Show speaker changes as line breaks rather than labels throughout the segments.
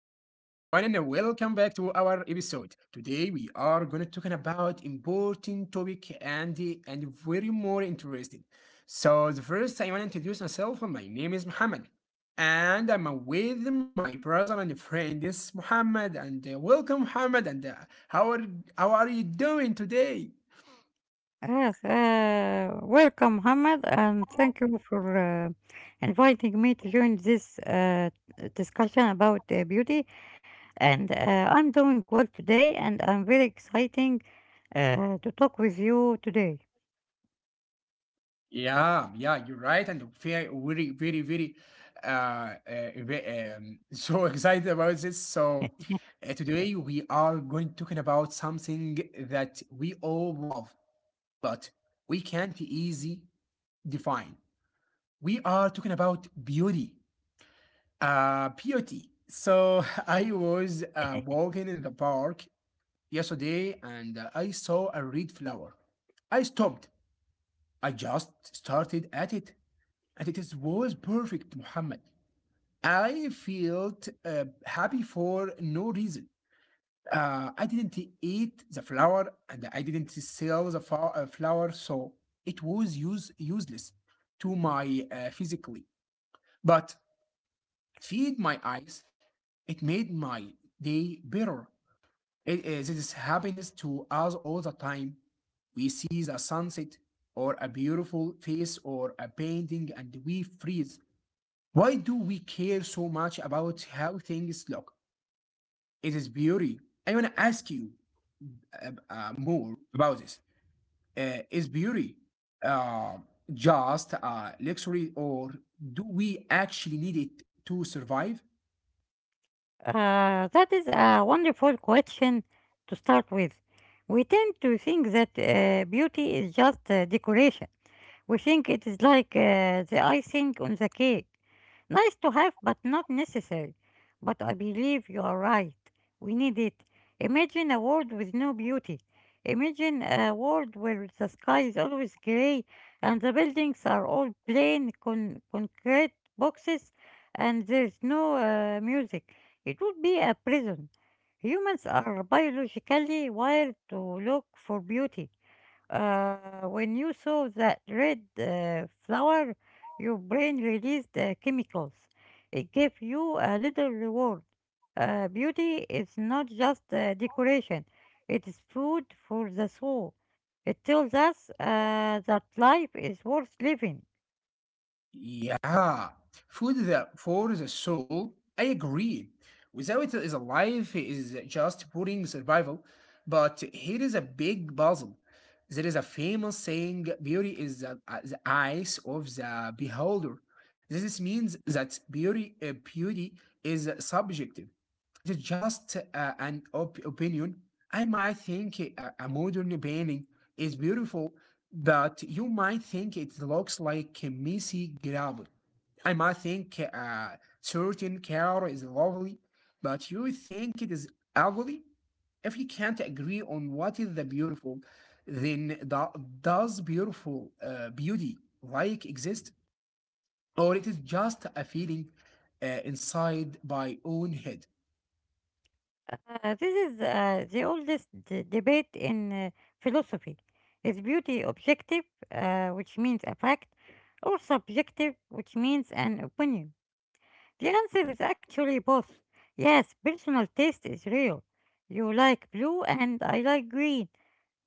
welcome back to our episode. Today we are going to talking about important topic and very more interesting. So the first I want to introduce myself. My name is Muhammad, and I'm with my brother and friend. This is Muhammad, and welcome Muhammad. And how are how are you doing today?
Yes, welcome, Mohammed, and thank you for inviting me to join this discussion about beauty. And I'm doing well today, and I'm very exciting to talk with you today.
Yeah, yeah, you're right, and very, very, very, very, uh, uh, ve- so excited about this. So today we are going to talking about something that we all love, but we can't easy define. We are talking about beauty. So I was walking in the park yesterday, and I saw a red flower. I stopped. I just started at it. And was perfect, Muhammad. I felt happy for no reason. I didn't eat the flour and I didn't sell the flour, so it was useless to my physically. But it feed my eyes. It made my day better. It, is this happiness to us all the time. We see the sunset or a beautiful face or a painting and we freeze. Why do we care so much about how things look? It is beauty. I want to ask you more about this. Is beauty uh, just a luxury, or do we actually need it to survive?
That is a wonderful question to start with. We tend to think that beauty is just decoration. We think it is like the icing on the cake. Nice to have, but not necessary. But I believe you are right. We need it. Imagine a world with no beauty. Imagine a world where the sky is always grey and the buildings are all plain concrete boxes and there's no music. It would be a prison. Humans are biologically wired to look for beauty. Uh, when you saw that red flower, your brain released chemicals. It gave you a little reward. Beauty is not just decoration, it is food for the soul. It tells us that life is worth living.
Yeah, food for the soul. I agree. Without it is alive is just boring survival. But here is a big puzzle. There is a famous saying: "Beauty is the eyes of the beholder." This means that beauty is subjective. It is just an opinion. I might think a modern painting is beautiful, but you might think it looks like a messy gravel. I might think a certain color is lovely, but you think it is ugly. If you can't agree on what is the beautiful, then does beautiful beauty like exist, or it is just a feeling inside my own head?
This is the oldest debate in philosophy. Is beauty objective, which means a fact, or subjective, which means an opinion? The answer is actually both. Yes, personal taste is real. You like blue and I like green.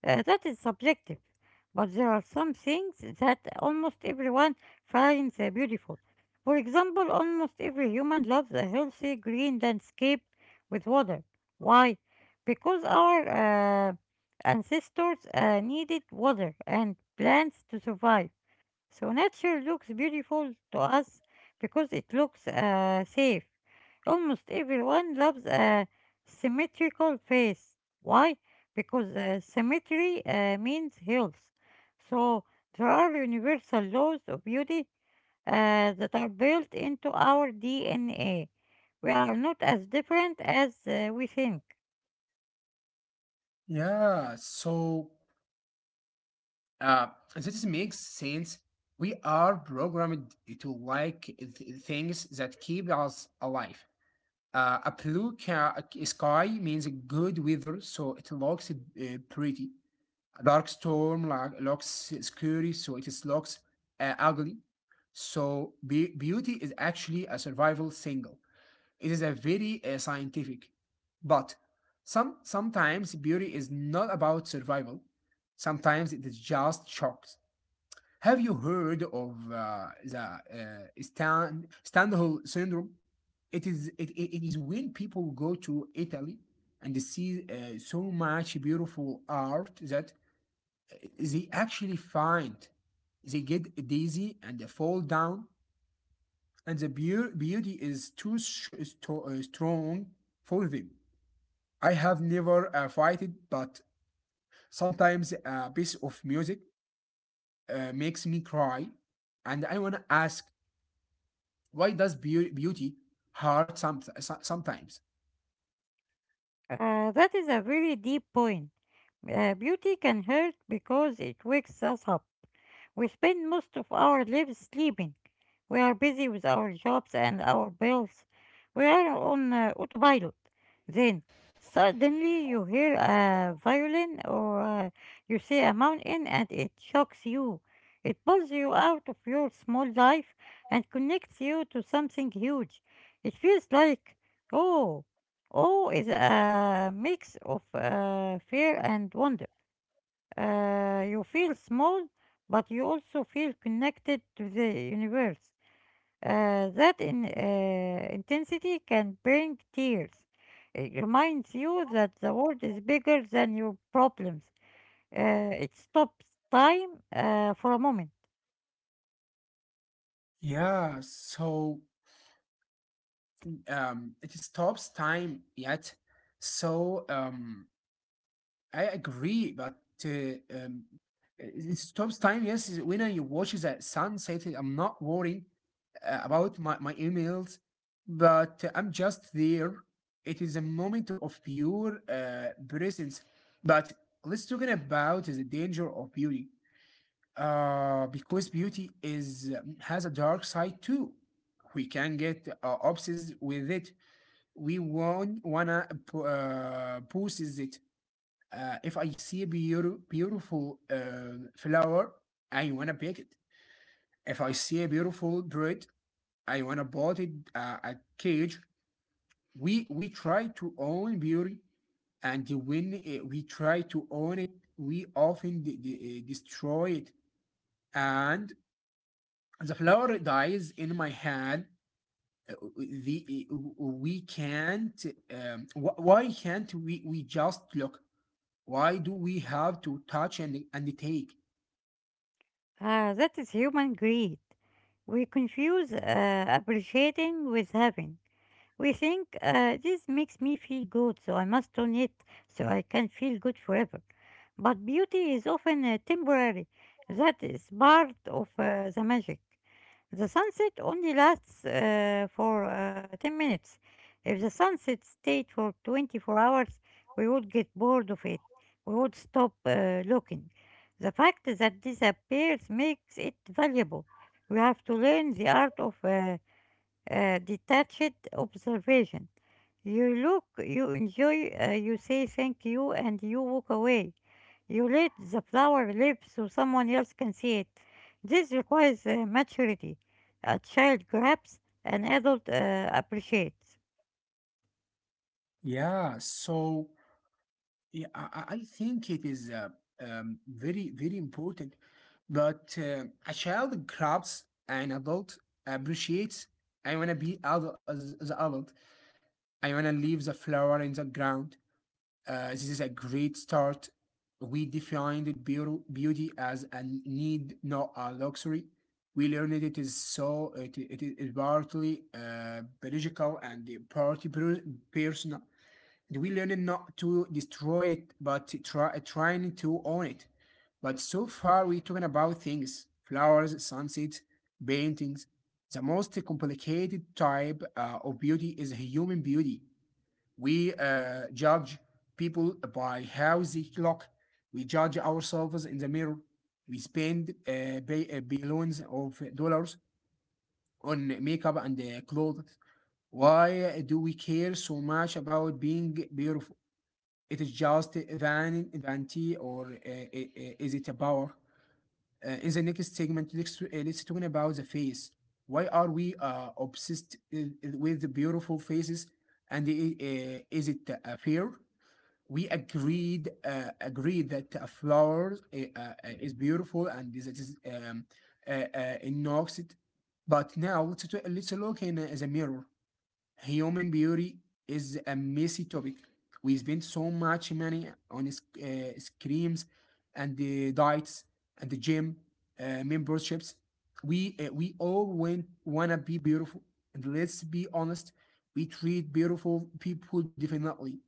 That is subjective. But there are some things that almost everyone finds beautiful. For example, almost every human loves a healthy green landscape with water. Why? Because our ancestors needed water and plants to survive. So nature looks beautiful to us because it looks safe. Almost everyone loves a symmetrical face. Why? Because symmetry means health. So there are universal laws of beauty that are built into our DNA. We are not as different as we think.
Yeah, so uh, this makes sense. We are programmed to like things that keep us alive. A blue sky means good weather, so it looks pretty. A dark storm like, looks scary, so it is looks ugly. So beauty is actually a survival single. It is a very scientific, but sometimes beauty is not about survival. Sometimes it is just shocks. Have you heard of the Standhal syndrome? It is when people go to Italy and they see so much beautiful art that they actually find they get dizzy and they fall down and the beauty is too sh- is strong for them. I have never fighted, but sometimes a piece of music makes me cry, and I wanna ask, why does beauty hurt sometimes?
That is a very deep point. Beauty can hurt because it wakes us up. We spend most of our lives sleeping. We are busy with our jobs and our bills. We are on autopilot. Then, suddenly, you hear a violin or you see a mountain and it shocks you. It pulls you out of your small life and connects you to something huge. It feels like, oh, oh, is a mix of fear and wonder. You feel small, but you also feel connected to the universe. That intensity can bring tears. It reminds you that the world is bigger than your problems. It stops time for a moment.
Yeah, so it stops time yet. So I agree, but uh, um, it stops time. Yes, is when I watch the sunset, I'm not worrying about my emails, but I'm just there. It is a moment of pure presence. But let's talk about the danger of beauty, because beauty is has a dark side too. We can get obsessed with it. We want wanna possess it. If I see a beautiful flower, I wanna pick it. If I see a beautiful bird, I wanna bought it a cage. We try to own beauty, and when we try to own it, we often destroy it. And the flower dies in my hand. The we can't. Why can't we just look? Why do we have to touch and take?
That is human greed. We confuse appreciating with having. We think this makes me feel good, so I must own it so I can feel good forever. But beauty is often temporary. That is part of the magic. The sunset only lasts for 10 minutes. If the sunset stayed for 24 hours, we would get bored of it. We would stop looking. The fact that disappears makes it valuable. We have to learn the art of detached observation. You look, you enjoy, you say thank you, and you walk away. You let the flower live so someone else can see it. This requires maturity. A child grabs, an adult appreciates.
Yeah, so yeah, I think it is very, very important. But a child grabs, an adult appreciates. I wanna be adult as an adult. I wanna leave the flower in the ground. This is a great start. We defined beauty as a need, not a luxury. We learned it is partly biological and partly personal. We learned not to destroy it, but to trying to own it. But so far, we're talking about things, flowers, sunsets, paintings. The most complicated type of beauty is human beauty. We judge people by how they look, we judge ourselves in the mirror. We spend billions of dollars on makeup and clothes. Why do we care so much about being beautiful? It is just vanity, or is it a power? In the next segment, let's talk about the face. Why are we obsessed with the beautiful faces? And is it a fear? We agreed that a flower is beautiful, and that is in North. But now let's look in the mirror. Human beauty is a messy topic. We spend so much money on screams and the diets and the gym memberships. We all want wanna be beautiful, and let's be honest, we treat beautiful people differently.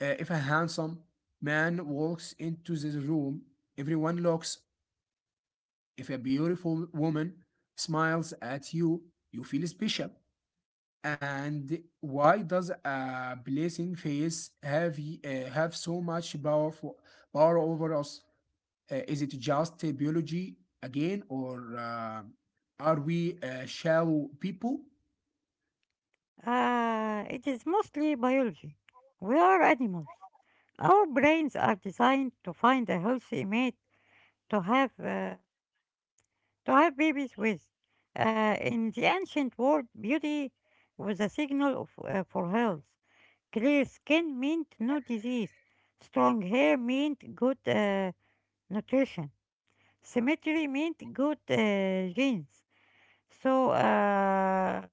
If a handsome man walks into this room, everyone looks. If a beautiful woman smiles at you, you feel special. And why does a blessing face have have so much power over us? Is it just biology again, or are we shallow people?
It is mostly biology. We are animals. Our brains are designed to find a healthy mate, to have uh, to have babies with. In the ancient world, beauty was a signal of, for health. Clear skin meant no disease. Strong hair meant good nutrition. Symmetry meant good genes. So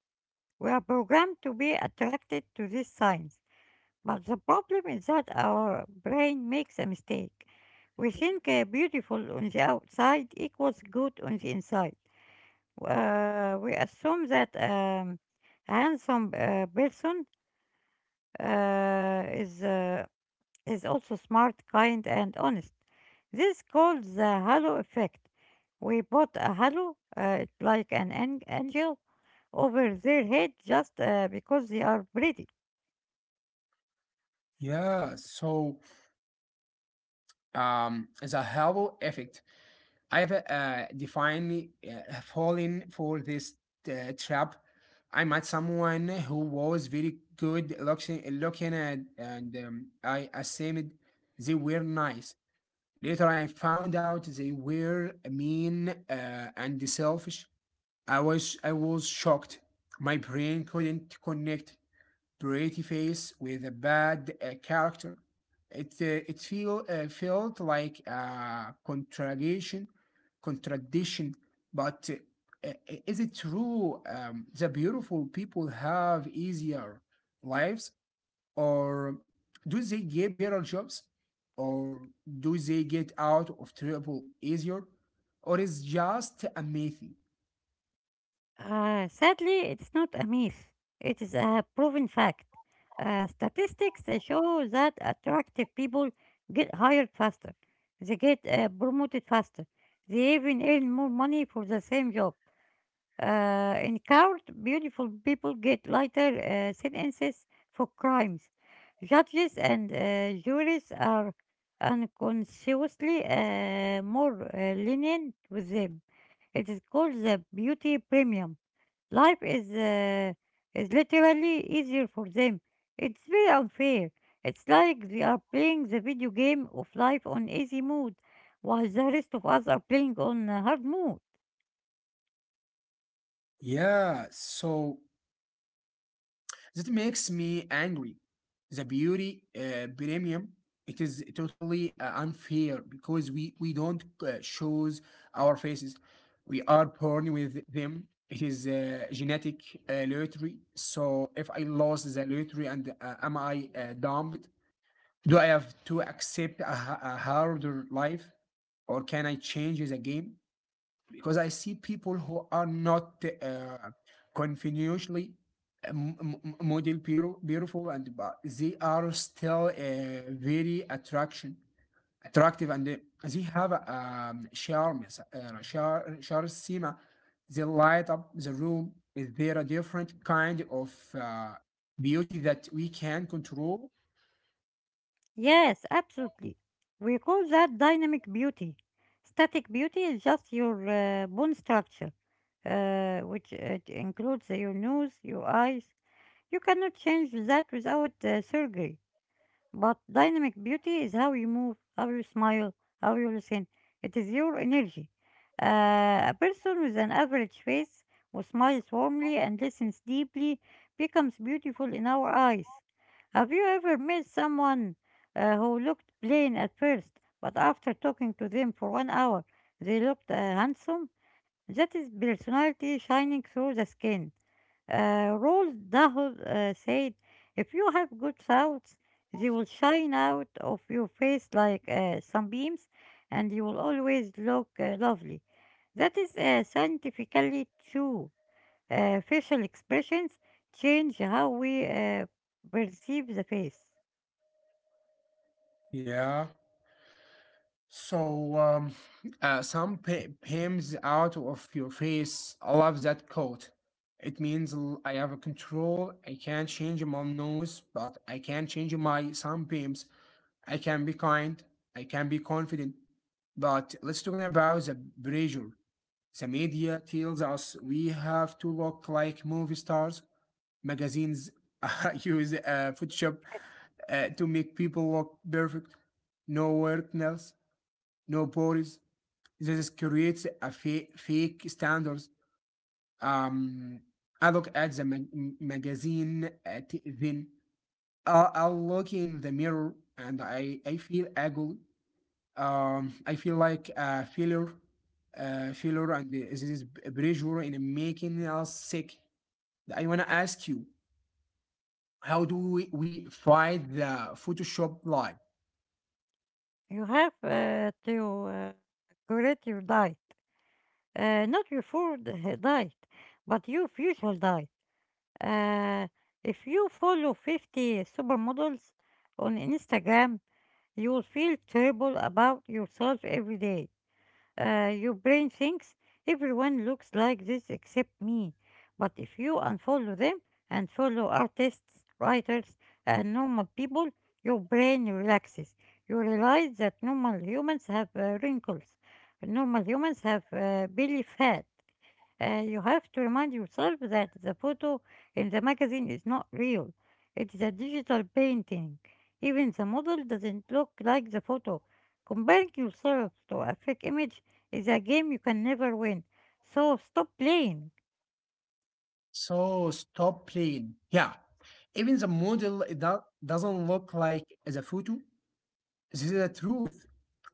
we are programmed to be attracted to these signs. But the problem is that our brain makes a mistake. We think beautiful on the outside equals good on the inside. We assume that a handsome person uh, is uh, is also smart, kind, and honest. This is called the halo effect. We put a halo, like an angel, over their head just because they are pretty.
Yeah. So the halo effect. I've definitely fallen for this trap. I met someone who was very good looking, and I assumed they were nice. Later, I found out they were mean and selfish. I was shocked. My brain couldn't connect pretty face with a bad character. It it feel felt like a contradiction. But is it true the beautiful people have easier lives? Or do they get better jobs, or do they get out of trouble easier, or is just a myth?
Sadly, it's not a myth. It is a proven fact. Statistics show that attractive people get hired faster. They get promoted faster. They even earn more money for the same job. In court, beautiful people get lighter sentences for crimes. Judges and juries are unconsciously more lenient with them. It is called the beauty premium. Life is literally easier for them. It's very unfair. It's like they are playing the video game of life on easy mode, while the rest of us are playing on hard mode.
Yeah, so that makes me angry. The beauty premium, it is totally unfair, because we don't choose our faces. We are born with them. It is genetic lottery. So if I lost the lottery, and am I dumb? Do I have to accept a harder life, or can I change the game? Because I see people who are not continuously model beautiful, and but they are still very attraction attractive, and they have a charm, yes, charisma. They light up the room. Is there a different kind of beauty that we can control?
Yes, absolutely. We call that dynamic beauty. Static beauty is just your bone structure, which includes your nose, your eyes. You cannot change that without surgery. But dynamic beauty is how you move, how you smile, how you listen. It is your energy. A person with an average face who smiles warmly and listens deeply becomes beautiful in our eyes. Have you ever met someone who looked plain at first, but after talking to them for one hour, they looked handsome? That is personality shining through the skin. Roald Dahl said, if you have good thoughts, they will shine out of your face like sunbeams, and you will always look lovely. That is scientifically true. Facial expressions change how we perceive the face.
Yeah. So some PIMs out of your face. I love that quote. It means I have a control. I can't change my nose, but I can change my some PIMs. I can be kind. I can be confident. But let's talk about the pressure. The media tells us we have to look like movie stars. Magazines use Photoshop to make people look perfect. No work nails, no bodies, this creates a fake standards. Um, I look at the magazine, at then I'll look in the mirror, and I feel ugly. I feel like a failure, and this is pressure in making us sick. I wanna ask you, how do we fight the Photoshop lie?
You have to correct your diet, not your food diet, but your visual diet. Uh, if you follow 50 supermodels on Instagram, you will feel terrible about yourself every day. Your brain thinks everyone looks like this except me. But if you unfollow them and follow artists, writers, and normal people, your brain relaxes. You realize that normal humans have wrinkles, normal humans have belly fat, you have to remind yourself that the photo in the magazine is not real. It's a digital painting. Even the model doesn't look like the photo. Comparing yourself to a fake image is a game you can never win. So stop playing.
So stop playing. Yeah, even the model doesn't look like the photo. This is the truth.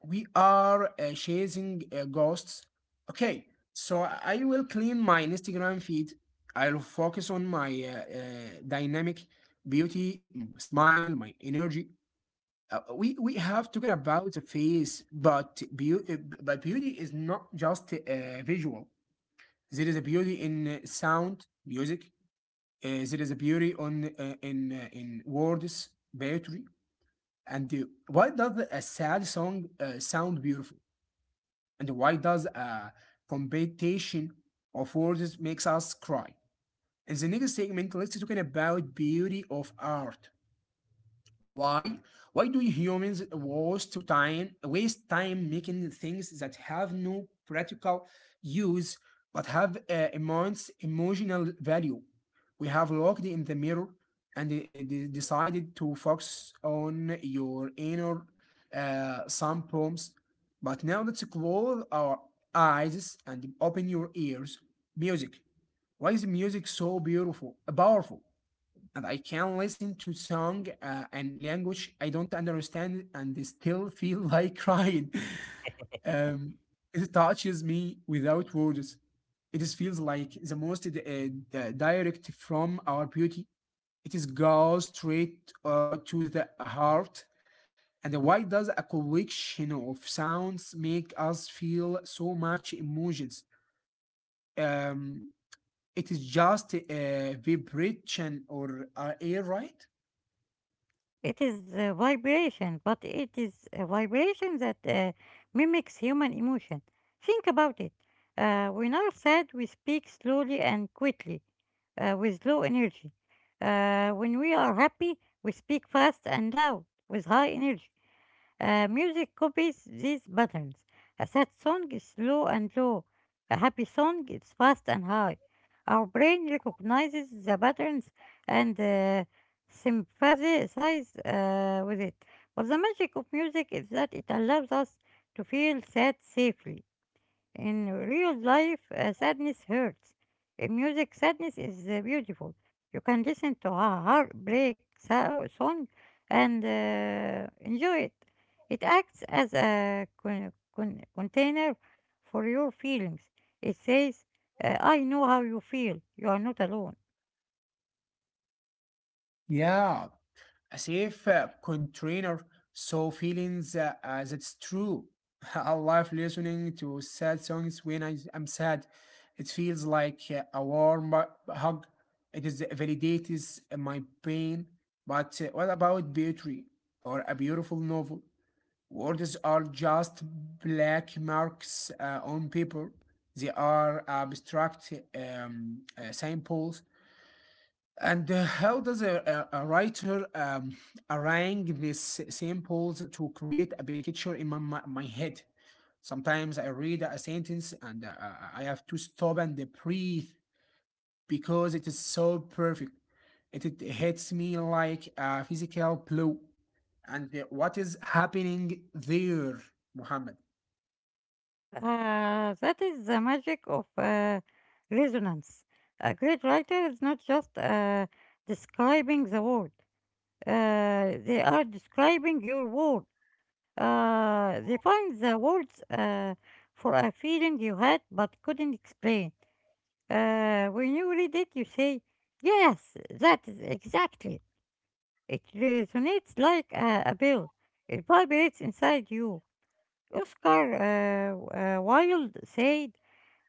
We are chasing ghosts. Okay, so I will clean my Instagram feed. I'll focus on my uh, uh, dynamic beauty, my smile, my energy. We have talking about the face, but beauty is not just visual. There is a beauty in sound, music. There is a beauty on in words, poetry. And why does a sad song sound beautiful? And why does a competition of words makes us cry? In the next segment, let's talking about beauty of art. Why? Why do humans waste time making things that have no practical use, but have immense emotional value? We have looked in the mirror, and decided to focus on your inner some poems. But now let's close our eyes and open your ears. Music. Why is music so beautiful, powerful? And I can listen to song and language I don't understand and still feel like crying. Um, it touches me without words. It is feels like the most direct from our beauty. It is goes straight to the heart. And why does a collection of sounds make us feel so much emotions? Um, it is just a vibration or air, right?
It is a vibration, but it is a vibration that mimics human emotion. Think about it. When are sad, we speak slowly and quickly, with low energy. When we are happy, we speak fast and loud, with high energy. Music copies these patterns. A sad song is slow and low. A happy song is fast and high. Our brain recognizes the patterns and sympathizes with it. But the magic of music is that it allows us to feel sad safely. In real life, sadness hurts. In music, sadness is beautiful. You can listen to a heartbreak song and enjoy it. It acts as a container for your feelings. It says, I know how you feel. You are not alone.
Yeah, a safe container so feelings as it's true. I love listening to sad songs when I am sad. It feels like a warm hug. It is validates my pain, but what about poetry or a beautiful novel? Words are just black marks on paper. They are abstract, samples. And how does a writer arrange these samples to create a picture in my head? Sometimes I read a sentence and I have to stop and breathe because it is so perfect. It hits me like a physical blow. And what is happening there, Muhammad?
That is the magic of resonance. A great writer is not just describing the world. They are describing your world. They find the words for a feeling you had but couldn't explain. When you read it, you say, yes, that is exactly. It resonates like a bell, it vibrates inside you. Oscar Wilde said,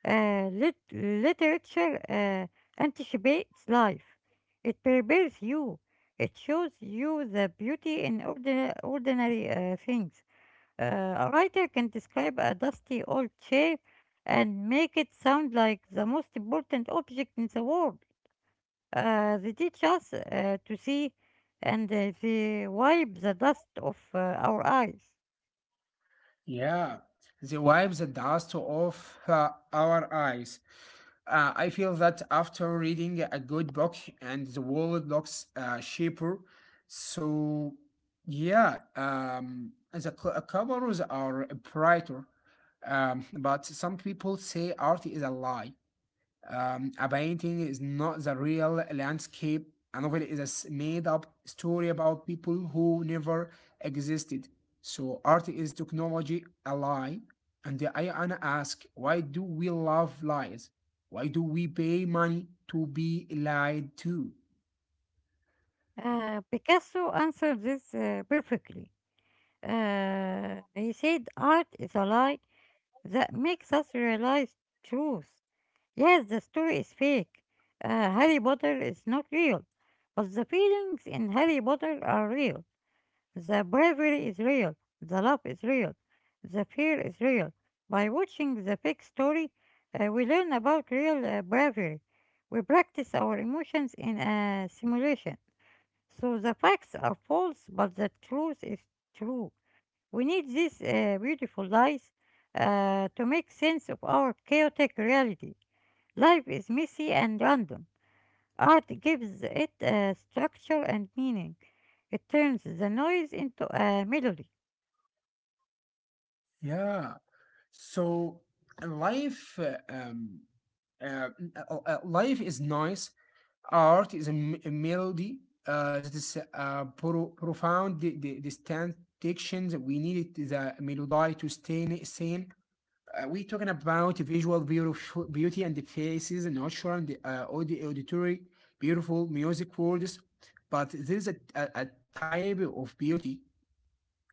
literature anticipates life. It prepares you. It shows you the beauty in ordinary things. Uh, a writer can describe a dusty old chair and make it sound like the most important object in the world. They teach us to see and they wipe the dust off our eyes.
Yeah, the wipes the dust off our eyes. I feel that after reading a good book and the world looks cheaper. So, yeah, the covers are brighter. But some people say art is a lie. A painting is not the real landscape. A novel is a made-up story about people who never existed. So art is technology a lie. And I wanna ask, why do we love lies? Why do we pay money to be lied to?
Picasso answered this perfectly. He said art is a lie that makes us realize truth. Yes, the story is fake. Harry Potter is not real. But the feelings in Harry Potter are real. The bravery is real. The love is real. The fear is real. By watching the fake story, we learn about real bravery. We practice our emotions in a simulation. So the facts are false, but the truth is true. We need these beautiful lies to make sense of our chaotic reality. Life is messy and random. Art gives it structure and meaning. It turns the noise into a melody.
Yeah. So life, life is nice. Art is a melody that is profound distant dictions. We needed the melody to stay sane. We're talking about visual beautiful beauty and the faces, natural and auditory, beautiful music words. But there is a type of beauty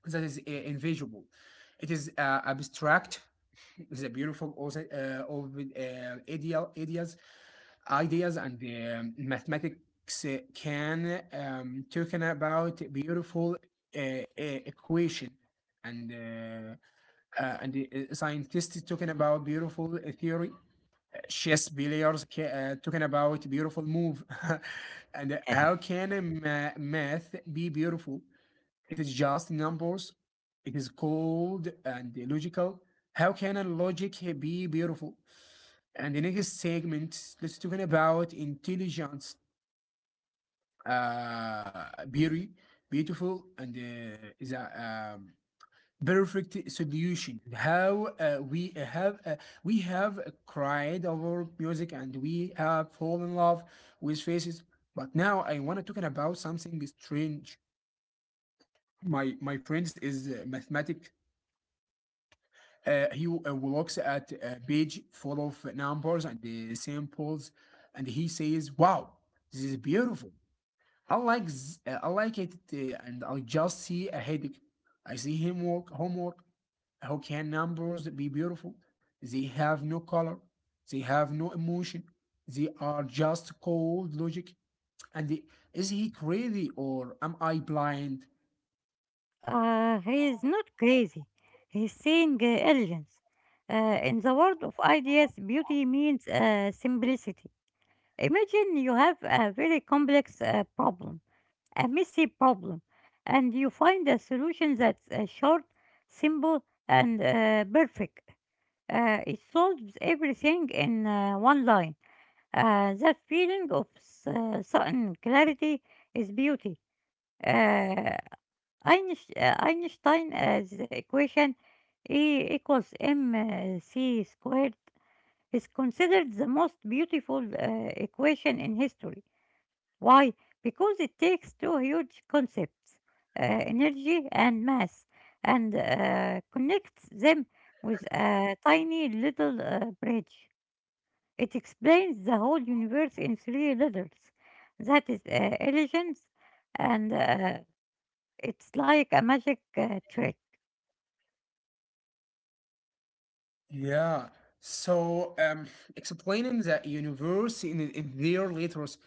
that is invisible. It is abstract. It's a beautiful also, of ideal ideas and the mathematics can talking about beautiful equation and uh, and the scientists talking about beautiful theory, chess players talking about beautiful move. And how can a math be beautiful? It is just numbers. It is cold and logical. How can a logic be beautiful? And the next segment, let's talking about intelligence. Very beautiful and is a perfect solution. How we have cried over music and we have fallen in love with faces. But now I wanna talking about something strange. My friends is mathematic. He looks at a page full of numbers and the samples, and he says, "Wow, this is beautiful. I like it," and I just see a headache. I see him work homework. How can numbers be beautiful? They have no color. They have no emotion. They are just cold logic. And the- is he crazy or am I blind?
He is not crazy. He is seeing elegance. In the world of ideas, beauty means simplicity. Imagine you have a very complex problem. A messy problem, and you find a solution that's short, simple, and perfect. It solves everything in one line. That feeling of sudden clarity is beauty. Uh, Einstein's equation E equals mc squared is considered the most beautiful equation in history. Why? Because it takes two huge concepts, energy and mass, and connects them with a tiny little bridge. It explains the whole universe in three letters. That is elegance, and it's like a magic trick.
Yeah. So, explaining the universe in their letters.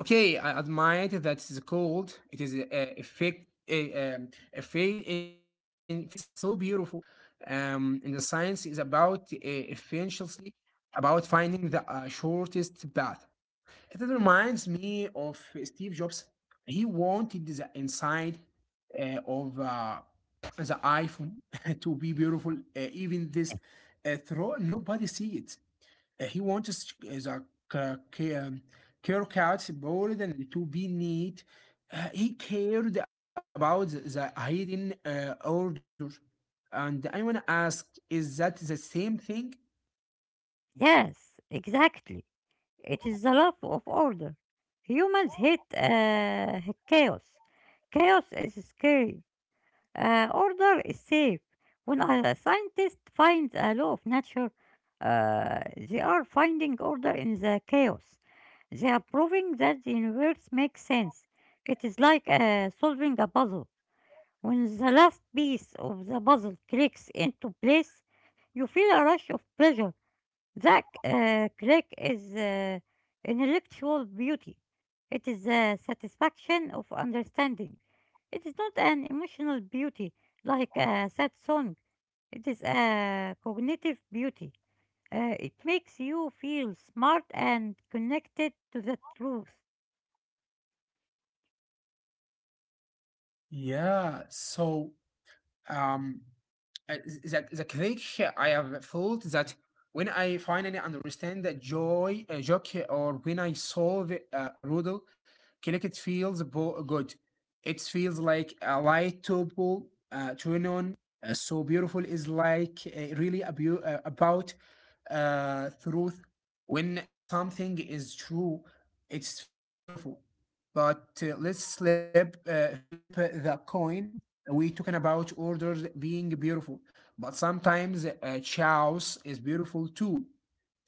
Okay, I admit that it's cold. It is a effect, a in fixings and so beautiful. And the science is about essentially about finding the shortest path. It reminds me of Steve Jobs. He wanted the inside of the iPhone to be beautiful, even this throw nobody see it. He wants the ca- ca- um, care cuts board and to be neat. He cared about the hidden order. And I want to ask, is that the same thing?
Yes, exactly. It is the love of order. Humans hate chaos. Chaos is scary. Order is safe. When a scientist finds a law of nature, they are finding order in the chaos. They are proving that the universe makes sense. It is like solving a puzzle. When the last piece of the puzzle clicks into place, you feel a rush of pleasure that click is intellectual beauty. It is the satisfaction of understanding. It is not an emotional beauty like a sad song. It is a cognitive beauty. It makes you feel smart and connected to the truth.
Yeah, so Um, the critics I have felt that when I finally understand the joy a joke or when I solve a riddle, cricket feels good. It feels like a light topple turn on. So beautiful is like really a about truth. When a something is true, it feels beautiful. But let's flip the coin. We talking about orders being beautiful, but sometimes chaos is beautiful too.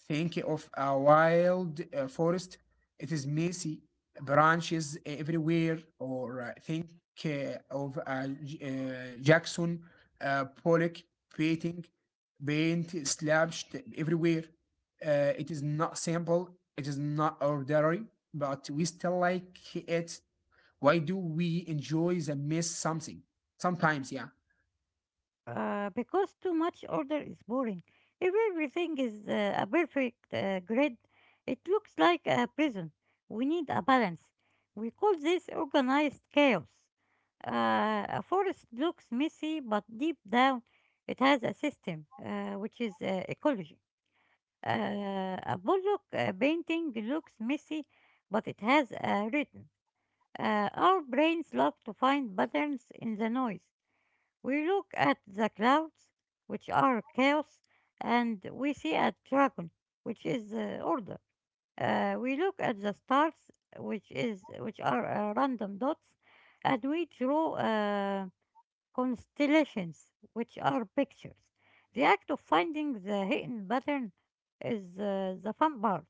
Think of a wild forest. It is messy, branches everywhere. Or think uh, of Jackson Pollock painting, paint slashed everywhere. It is not simple. It is not ordinary, but we still like it. Why do we enjoy the mess something? Sometimes, yeah.
Because too much order is boring. If everything is a perfect grid, it looks like a prison. We need a balance. We call this organized chaos. A forest looks messy, but deep down it has a system, which is ecology. A bullock painting looks messy, but it has a rhythm. Our brains love to find patterns in the noise. We look at the clouds, which are chaos, and we see a dragon, which is order. We look at the stars, which are random dots, and we draw constellations, which are pictures. The act of finding the hidden pattern is the fun part.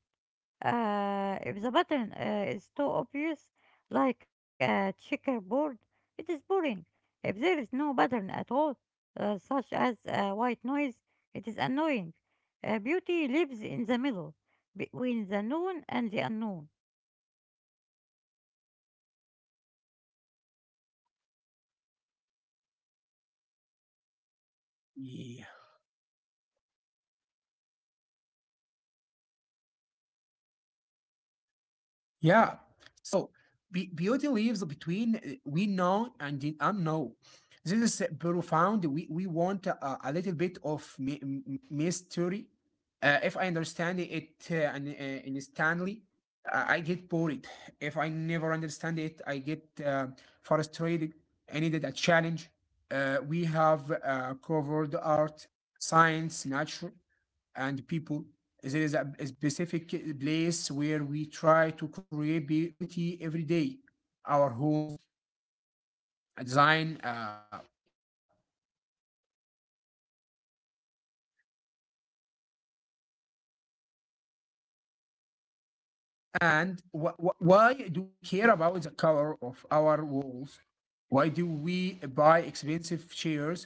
If the pattern is too obvious, like a checkerboard, it is boring. If there is no pattern at all, such as white noise, it is annoying. Beauty lives in the middle, between the known and the unknown.
Yeah. Yeah. So beauty lives between we know and the unknown. This is profound. We want a little bit of mystery. If I understand it instantly, I get bored. If I never understand it, I get frustrated. I needed a challenge. We have covered art, science, nature and people. There is a specific place where we try to create beauty every day. Our homes, design, yeah. And why do we care about the color of our walls? Why do we buy expensive chairs?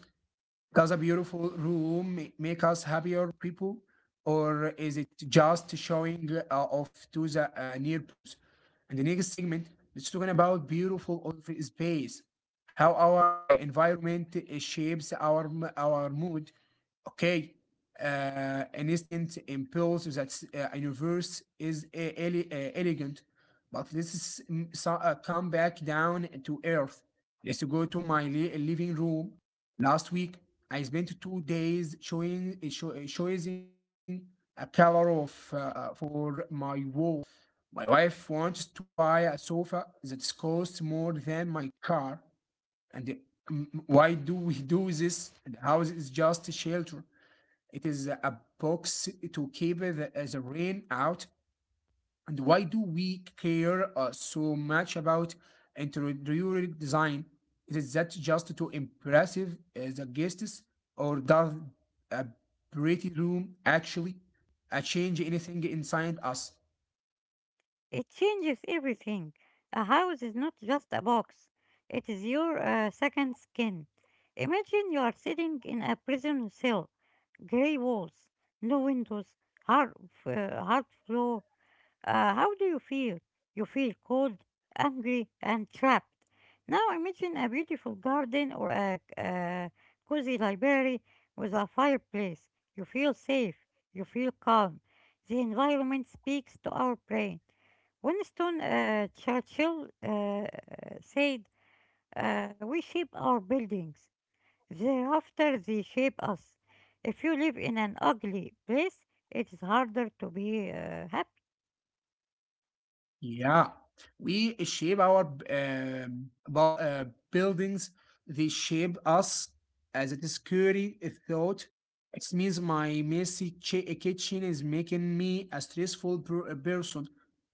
Does a beautiful room make us happier people, or is it just showing off to the near person? And the next segment, it's talking about beautiful of space, how our environment shapes our our mood. Okay, an instant impulse that universe is elegant, but this is come back down to earth. Let's go to my living room. Last week, I spent 2 days choosing a color of for my wall. My wife wants to buy a sofa that costs more than my car. And why do we do this? The house is just a shelter. It is a box to keep the rain out. And why do we care so much about interior design? Is that just to impressive the guests, or does a pretty room actually change anything inside us?
It changes everything. A house is not just a box, it is your second skin. Imagine you are sitting in a prison cell, grey walls, no windows, hard, hard floor. How do you feel? You feel cold, angry, and trapped. Now imagine a beautiful garden or a cozy library with a fireplace. You feel safe. You feel calm. The environment speaks to our brain. Winston Churchill said, "We shape our buildings. Thereafter, they shape us." If you live in an ugly place, it is harder to be happy.
Yeah, we shape our bu- uh, buildings. They shape us as it is scary a thought. It means my messy kitchen is making me a stressful person,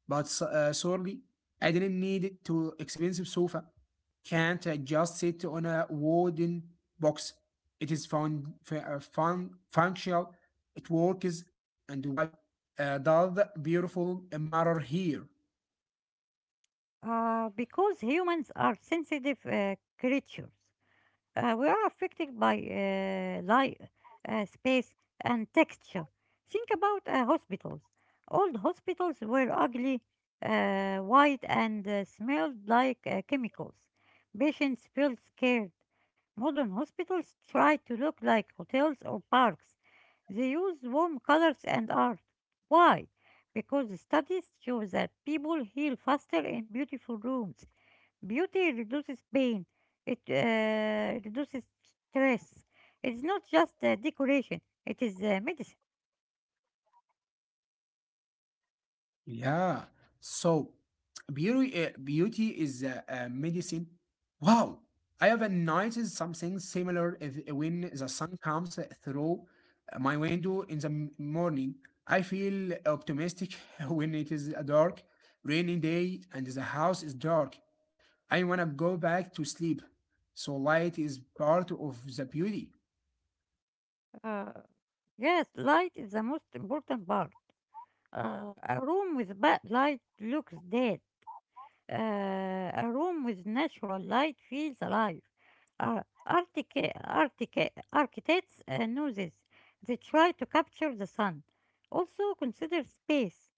but sorry, I didn't need it to expensive sofa. Can't I just sit on a wooden box? It is fun, functional. It works, and why? Does beautiful mirror here?
Because humans are sensitive creatures. We are affected by light, space, and texture. Think about hospitals. Old hospitals were ugly, white, and smelled like chemicals. Patients felt scared. Modern hospitals try to look like hotels or parks. They use warm colors and art. Why? Because studies show that people heal faster in beautiful rooms. Beauty reduces pain, it reduces stress. It's not just decoration, it is medicine.
Yeah. So beauty, beauty is a medicine. Wow. I have noticed something similar if, eh, when the sun comes through my window in the morning. I feel optimistic when it is a dark, rainy day and the house is dark. I want to go back to sleep. So light is part of the beauty.
Uh, yes, light is the most important part. A room with bad light looks dead. A room with natural light feels alive. Uh, Architects know this. They try to capture the sun. Also, consider space.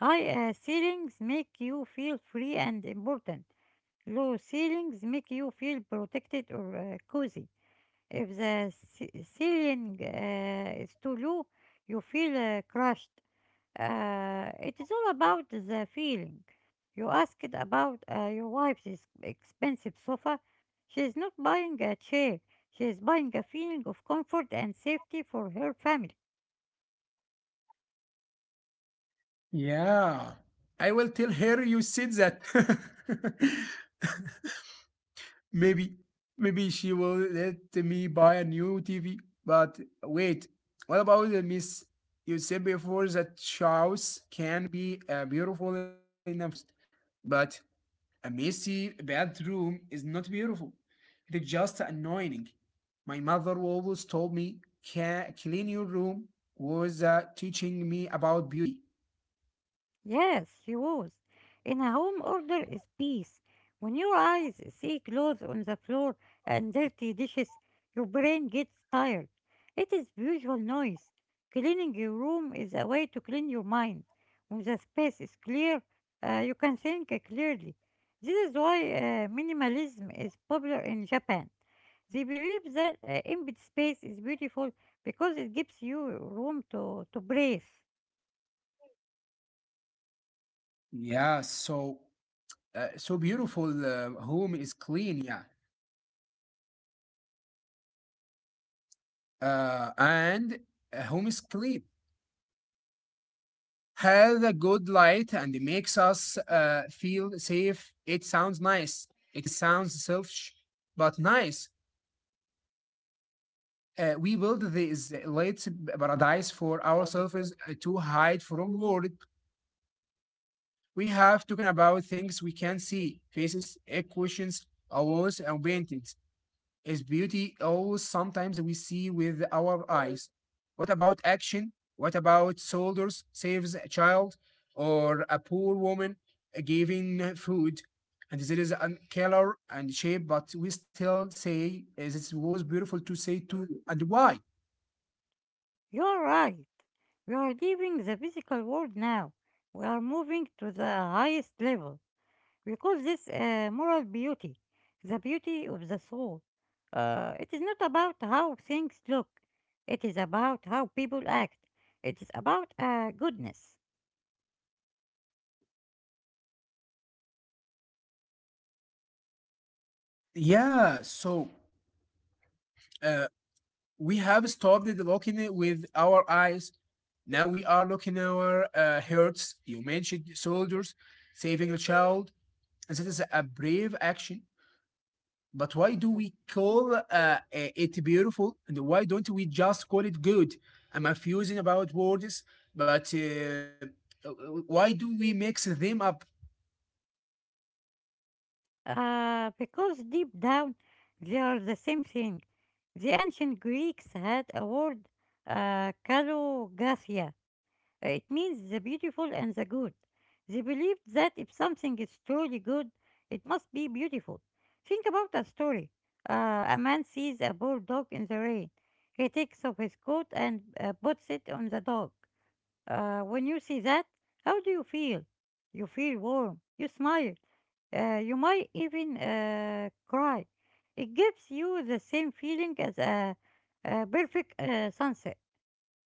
High ceilings make you feel free and important. Low ceilings make you feel protected or cozy. If the ceiling is too low, you feel crushed. It is all about the feeling. You asked about your expensive sofa. She is not buying a chair. She is buying a feeling of comfort and safety for her family.
Yeah. I will tell her you said that. Maybe, maybe she will let me buy a new TV. But wait, what about the miss? You said before that house can be beautiful in a forest, but a messy bathroom is not beautiful. It's just annoying. My mother always told me, "Can clean your room," was teaching me about beauty.
Yes, she was. In a home, order is peace. When your eyes see clothes on the floor and dirty dishes, your brain gets tired. It is visual noise. Cleaning your room is a way to clean your mind. When the space is clear, you can think clearly. This is why minimalism is popular in Japan. They believe that empty space is beautiful because it gives you room to breathe.
Yeah, so so beautiful home is clean. Yeah. And a home screen has a good light and it makes us feel safe. It sounds nice. It is sounds selfish, but nice. We build this light paradise for ourselves to hide from world. We have talking about things we can see, faces, equations, awards, and paintings. Is beauty always sometimes we see with our eyes? What about action? What about soldiers saves a child or a poor woman giving food? And there is a color and shape, but we still say this was beautiful to say to and why?
You're right. We are leaving the physical world now. We are moving to the highest level. We call this moral beauty, the beauty of the soul. It is not about how things look, it is about how people act. It is about goodness.
Yeah, so uh, we have stopped looking it with our eyes. Now we are looking our hearts. You mentioned soldiers saving a child. And that is a brave action. But why do we call it beautiful? And why don't we just call it good? I'm confusing about words, but why do we mix them up?
Because deep down, they are the same thing. The ancient Greeks had a word, kallogathia. It means the beautiful and the good. They believed that if something is truly good, it must be beautiful. Think about a story. A man sees a poor dog in the rain. He takes off his coat and puts it on the dog. When you see that, how do you feel? You feel warm. You smile. You might even cry. It gives you the same feeling as a perfect sunset.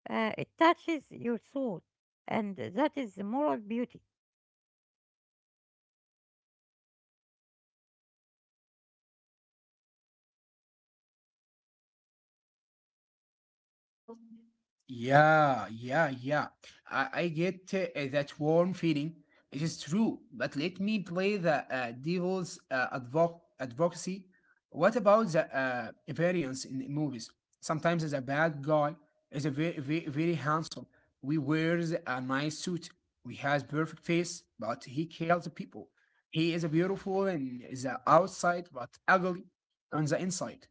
Uh, it touches your soul, and that is moral beauty.
Yeah, yeah, yeah. I get that warm feeling. It is true, but let me play the devil's advocacy. What about the variance in movies? Sometimes the bad guy is a very, very, very handsome. We wears a nice suit. We has perfect face, but he kills people. He is beautiful in the outside, but ugly on the inside.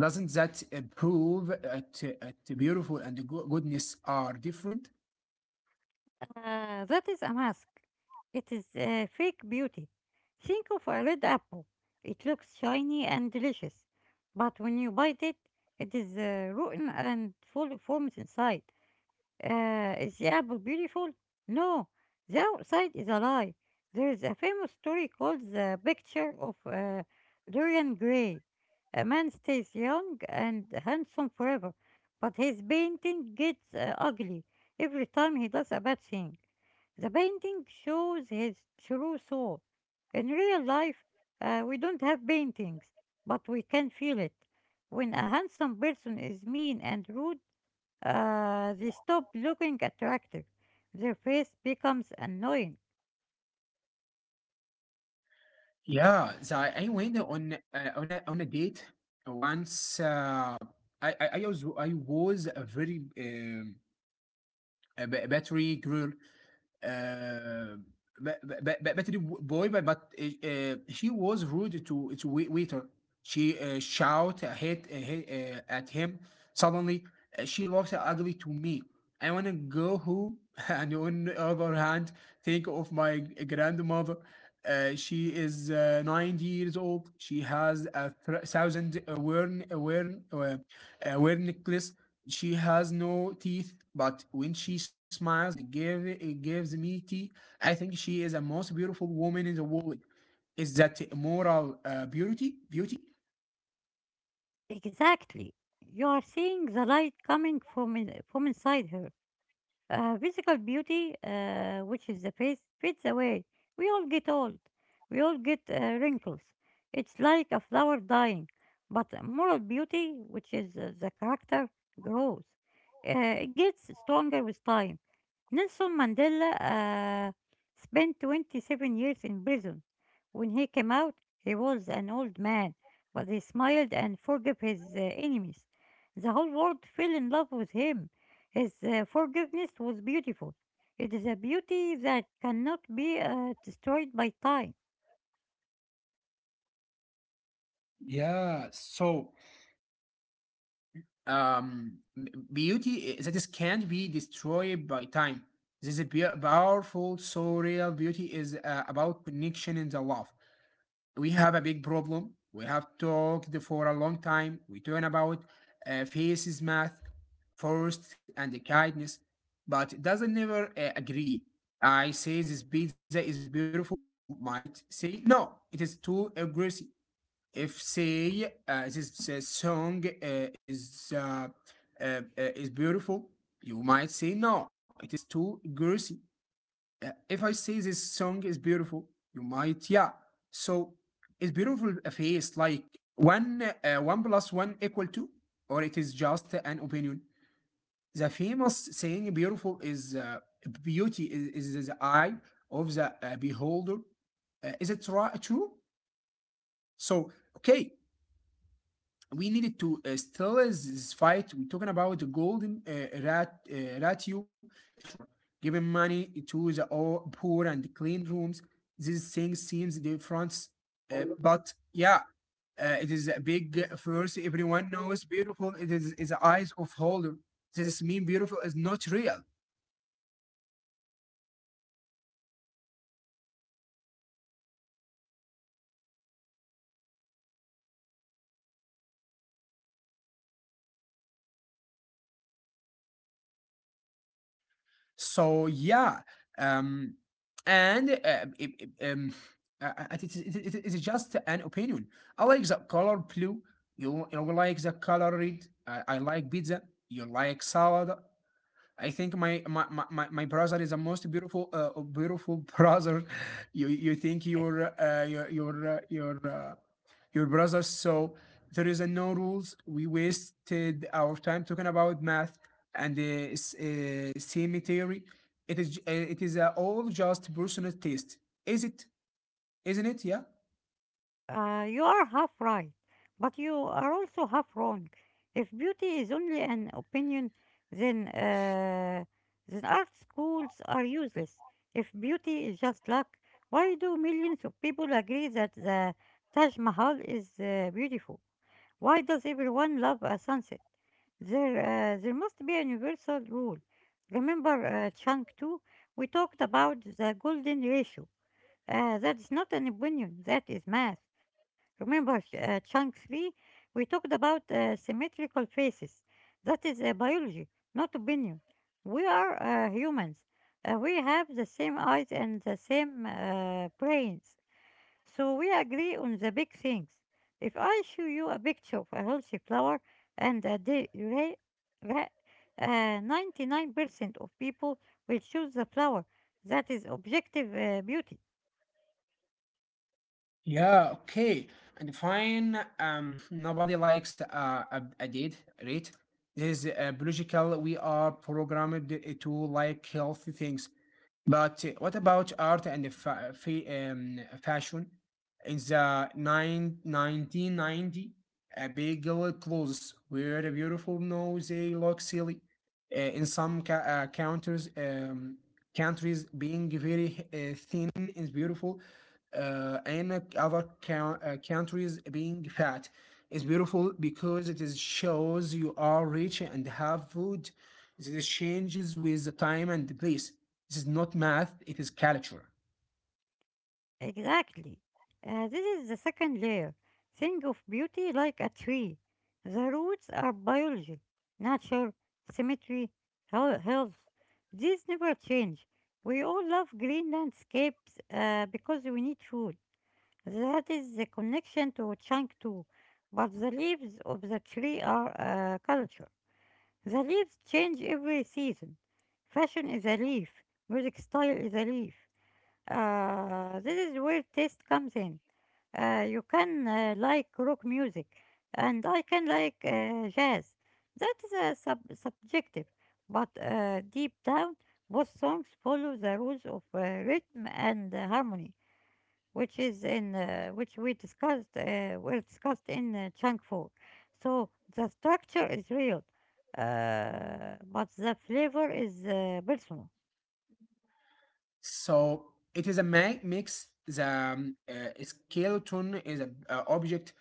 Doesn't that prove that beautiful and goodness are different?
That is a mask. It is fake beauty. Think of a red apple. It looks shiny and delicious, but when you bite it, it is rotten and full of worms inside. Is the apple beautiful? No, the outside is a lie. There is a famous story called The Picture of Dorian Gray. A man stays young and handsome forever, but his painting gets ugly every time he does a bad thing. The painting shows his true soul. In real life, we don't have paintings, but we can feel it. When a handsome person is mean and rude, they stop looking attractive. Their face becomes annoying.
Yeah, so I went on on a date once. I was a very battery girl. Uh, but the boy, but She was rude to waiter. She shout hit hit, at him. Suddenly, she looks ugly to me. I wanna go home, and on the other hand, think of my grandmother. She is 90 years old. She has a thousand worn necklace. She has no teeth, but when she smiles and give, it gives me tea, I think she is the most beautiful woman in the world. Is that moral beauty? Beauty?
Exactly. You are seeing the light coming from inside her. Physical beauty, which is the face, fades away. We all get old. We all get wrinkles. It's like a flower dying. But moral beauty, which is the character, grows. It gets stronger with time. Nelson Mandela spent 27 years in prison. When he came out, he was an old man, but he smiled and forgave his enemies. The whole world fell in love with him. His forgiveness was beautiful. It is a beauty that cannot be destroyed by time.
Yeah. So, um, that is can't be destroyed by time. This is a powerful, so real beauty is about connection and the love. We have a big problem. We have talked for a long time. We talk about faces math, first and the kindness, but it doesn't never agree. I say this pizza is beautiful. You might say no, it is too aggressive. If say this song is beautiful, you might say no, it is too aggressive if I say this song is beautiful, you might, yeah. So is beautiful a face like one plus one equal two, or it is just an opinion? The famous saying "beautiful is beauty is the eye of the beholder." Is it true? So okay, we needed to still this fight. We're talking about the golden ratio in natural, giving money to the all poor and clean rooms. This thing seems different, but yeah, it is a big first. Everyone knows beautiful. It is the eyes of holder. This mean beautiful is not real. So yeah, um, and it, it, it, is- it, is- it is just an opinion. I like the color blue. You like the color red. I like pizza. You like salad. I think my brother is the most beautiful beautiful brother. You think your brother. So there is a no rules. We wasted our time talking about math and the semi theory. It is all just personal taste. Is it? Isn't it? Yeah.
You are half right, but you are also half wrong. If beauty is only an opinion, then uh, then art schools are useless. If beauty is just luck, why do millions of people agree that the Taj Mahal is beautiful? Why does everyone love a sunset? There must be a universal rule. Remember Chunk 2? We talked about the golden ratio. That is not an opinion, that is math. Remember Chunk 3? We talked about symmetrical faces. That is biology, not opinion. We are humans. We have the same eyes and the same brains. So we agree on the big things. If I show you a picture of a healthy flower and a day rate, 99% of people will choose the flower. That is objective beauty.
Yeah, okay. And fine, nobody likes a date, right? This is biological. We are programmed to like healthy things. But what about art and fashion? In the nine 1990, a big girl clothes were beautiful. No, they look silly. In some countries, countries being very thin is beautiful. And other countries being fat is beautiful because it is shows you are rich and have food. This changes with the time and the place, this is not math, it is culture.
Exactly. This is the second layer. Think of beauty like a tree. The roots are biology, nature, symmetry, health. These never change. We all love green landscapes because we need food. That is the connection to Changtu. But the leaves of the tree are a culture. The leaves change every season. Fashion is a leaf. Music style is a leaf. This is where taste comes in. You can like rock music, and I can like jazz. That is subjective, but deep down, both songs follow the rules of rhythm and harmony, which is in which we discussed were discussed in chunk 4. So the structure is real, but the flavor is personal.
So it is a mix. The skeleton is a object,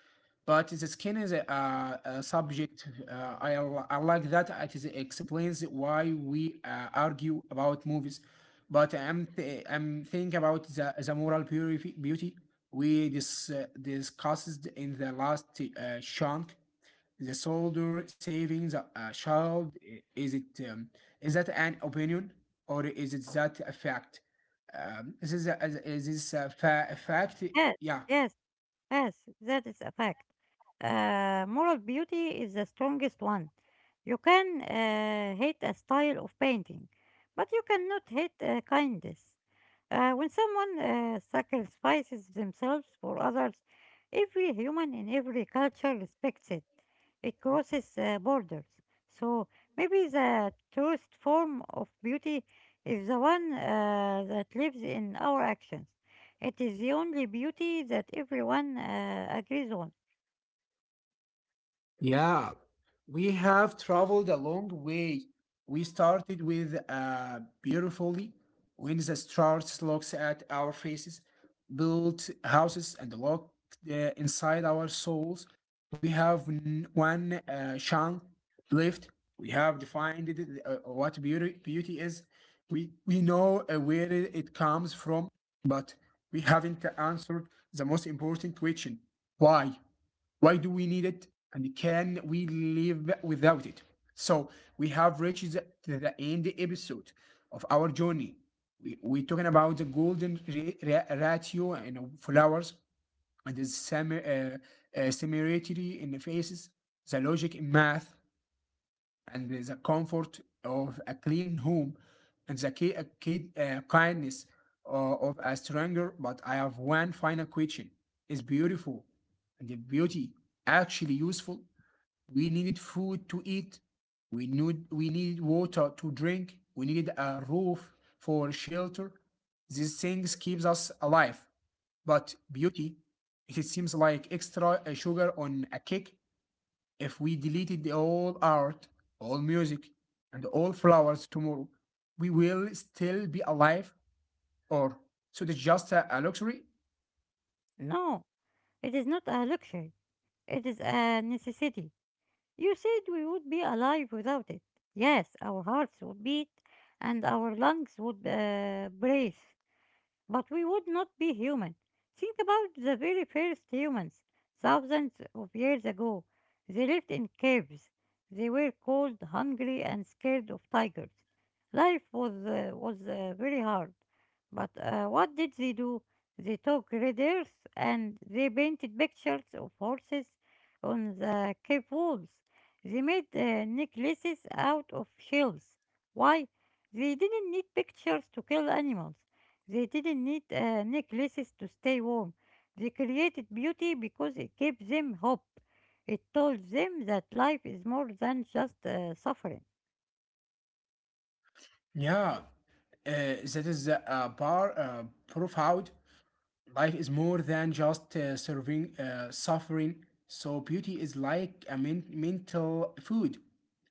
but the skin is a subject. I like that. It is, explains why we argue about movies. But I'm thinking about the moral beauty we discussed in the last chunk, the soldier saving the child is it is that an opinion or is it that a fact, this is a, is is this a fa fact?
Yes.
Yeah.
Yes, yes, that is a fact. Moral beauty is the strongest one. You can hate a style of painting, but you cannot hate kindness. When someone sacrifices themselves for others, every human in every culture respects it. It crosses borders. So maybe the truest form of beauty is the one that lives in our actions. It is the only beauty that everyone agrees on.
Yeah, we have traveled a long way. We started with beautifully when the stars looks at our faces, built houses and looked inside our souls. We have one chunk left. We have defined it, what beauty is. We know where it comes from, but we haven't answered the most important question: why? Why do we need it? And can we live without it? So we have reached the end episode of our journey. We're talking about the golden ratio and flowers and the similarity in the faces, the logic in math, and the comfort of a clean home and the kindness uh, of a stranger. But I have one final question. It's beautiful. And the beauty actually useful. We needed food to eat. We needed water to drink. We needed a roof for shelter. These things keeps us alive. But beauty, it seems like extra sugar on a cake. If we deleted all art, all music, and all flowers tomorrow, we will still be alive, or so it's just a luxury?
No, it is not a luxury, it is a necessity. You said we would be alive without it. Yes, our hearts would beat and our lungs would breathe. But we would not be human. Think about the very first humans, thousands of years ago. They lived in caves. They were cold, hungry, and scared of tigers. Life was very hard. But what did they do? They took red earth and they painted pictures of horses on the cave walls. They made necklaces out of shells. Why? They didn't need pictures to kill animals. They didn't need necklaces to stay warm. They created beauty because it gave them hope. It told them that life is more than just suffering.
Yeah, that is a bar proof out. Life is more than just serving suffering. So beauty is like a mental food.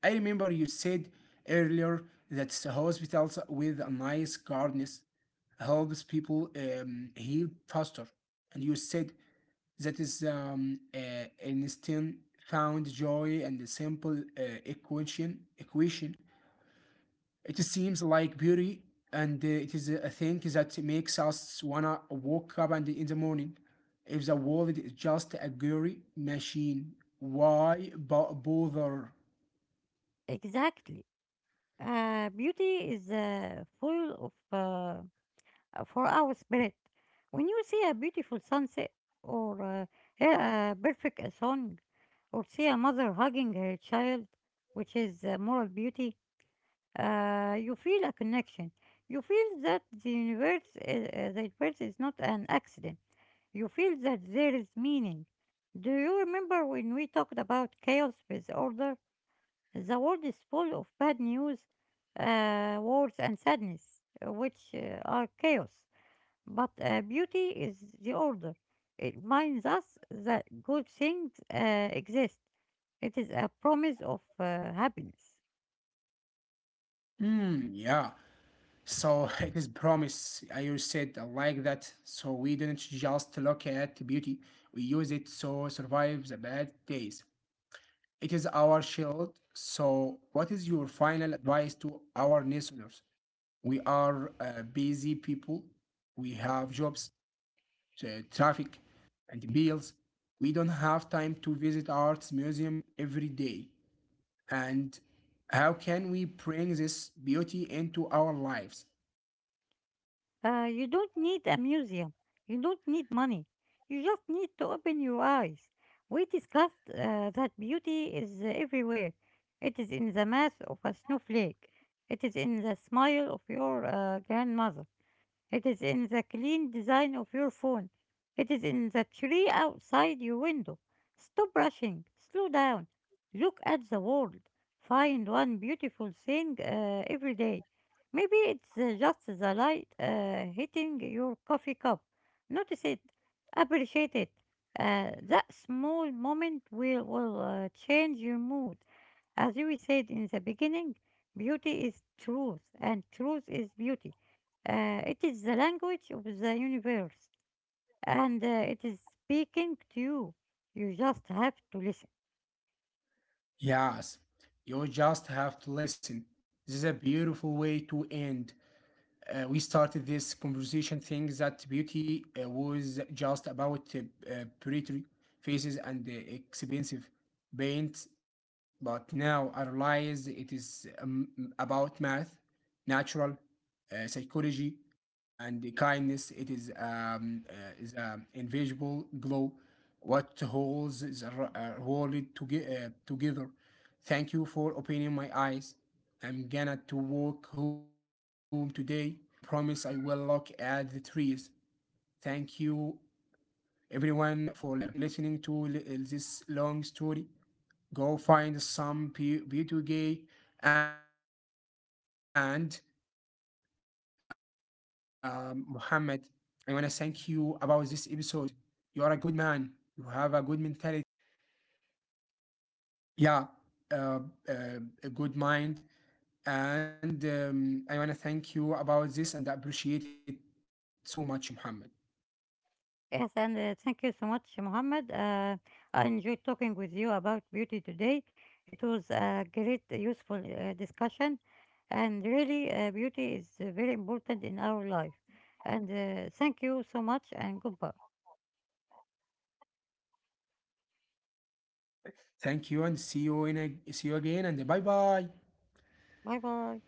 I remember you said earlier that hospitals with a nice gardens helps people heal faster. And you said that is Einstein found joy and the simple equation, it seems like beauty, and it is a thing that makes us wanna wake up and in the morning. If the world is just a gory machine, why bother?
Exactly. Beauty is full of for our spirit. When you see a beautiful sunset or hear a perfect song or see a mother hugging her child, which is moral beauty, you feel a connection. You feel that the universe is not an accident. You feel that there is meaning. Do you remember when we talked about chaos with order? The world is full of bad news, wars, and sadness, which are chaos. But beauty is the order. It reminds us that good things exist. It is a promise of happiness.
Hmm, yeah. So it is promise. I you said I like that. So we didn't just look at beauty. We use it so survive the bad days. It is our shield. So what is your final advice to our listeners? We are busy people. We have jobs, traffic, and bills. We don't have time to visit arts museum every day. And how can we bring this beauty into our lives?
You don't need a museum. You don't need money. You just need to open your eyes. We discussed that beauty is everywhere. It is in the mass of a snowflake. It is in the smile of your grandmother. It is in the clean design of your phone. It is in the tree outside your window. Stop rushing. Slow down. Look at the world. Find one beautiful thing every day. Maybe it's just the light hitting your coffee cup. Notice it. Appreciate it. That small moment will change your mood. As we said in the beginning, beauty is truth, and truth is beauty. It is the language of the universe, and it is speaking to you. You just have to listen.
Yes, you just have to listen. This is a beautiful way to end. We started this conversation saying that beauty was just about pretty faces and expensive paint, but now I realize it is about math, natural psychology, and the kindness. It is an invisible glow, what holds the world together. Thank you for opening my eyes. I'm gonna to walk home today and I promise I will look at the trees. Thank you, everyone, for listening to this long story. Go find some beauty gay and Muhammad. I want to thank you about this episode. You are a good man. You have a good mentality. Good, yeah, uh, uh, a good mind. And I want to thank you about this and appreciate it so much, Muhammad.
Yes, and thank you so much, Mohammed. I enjoyed talking with you about beauty today. It was a great, useful discussion, and really, beauty is very important in our life. And thank you so much, and goodbye.
Thank you and see you in a see you again and bye bye.
Bye bye.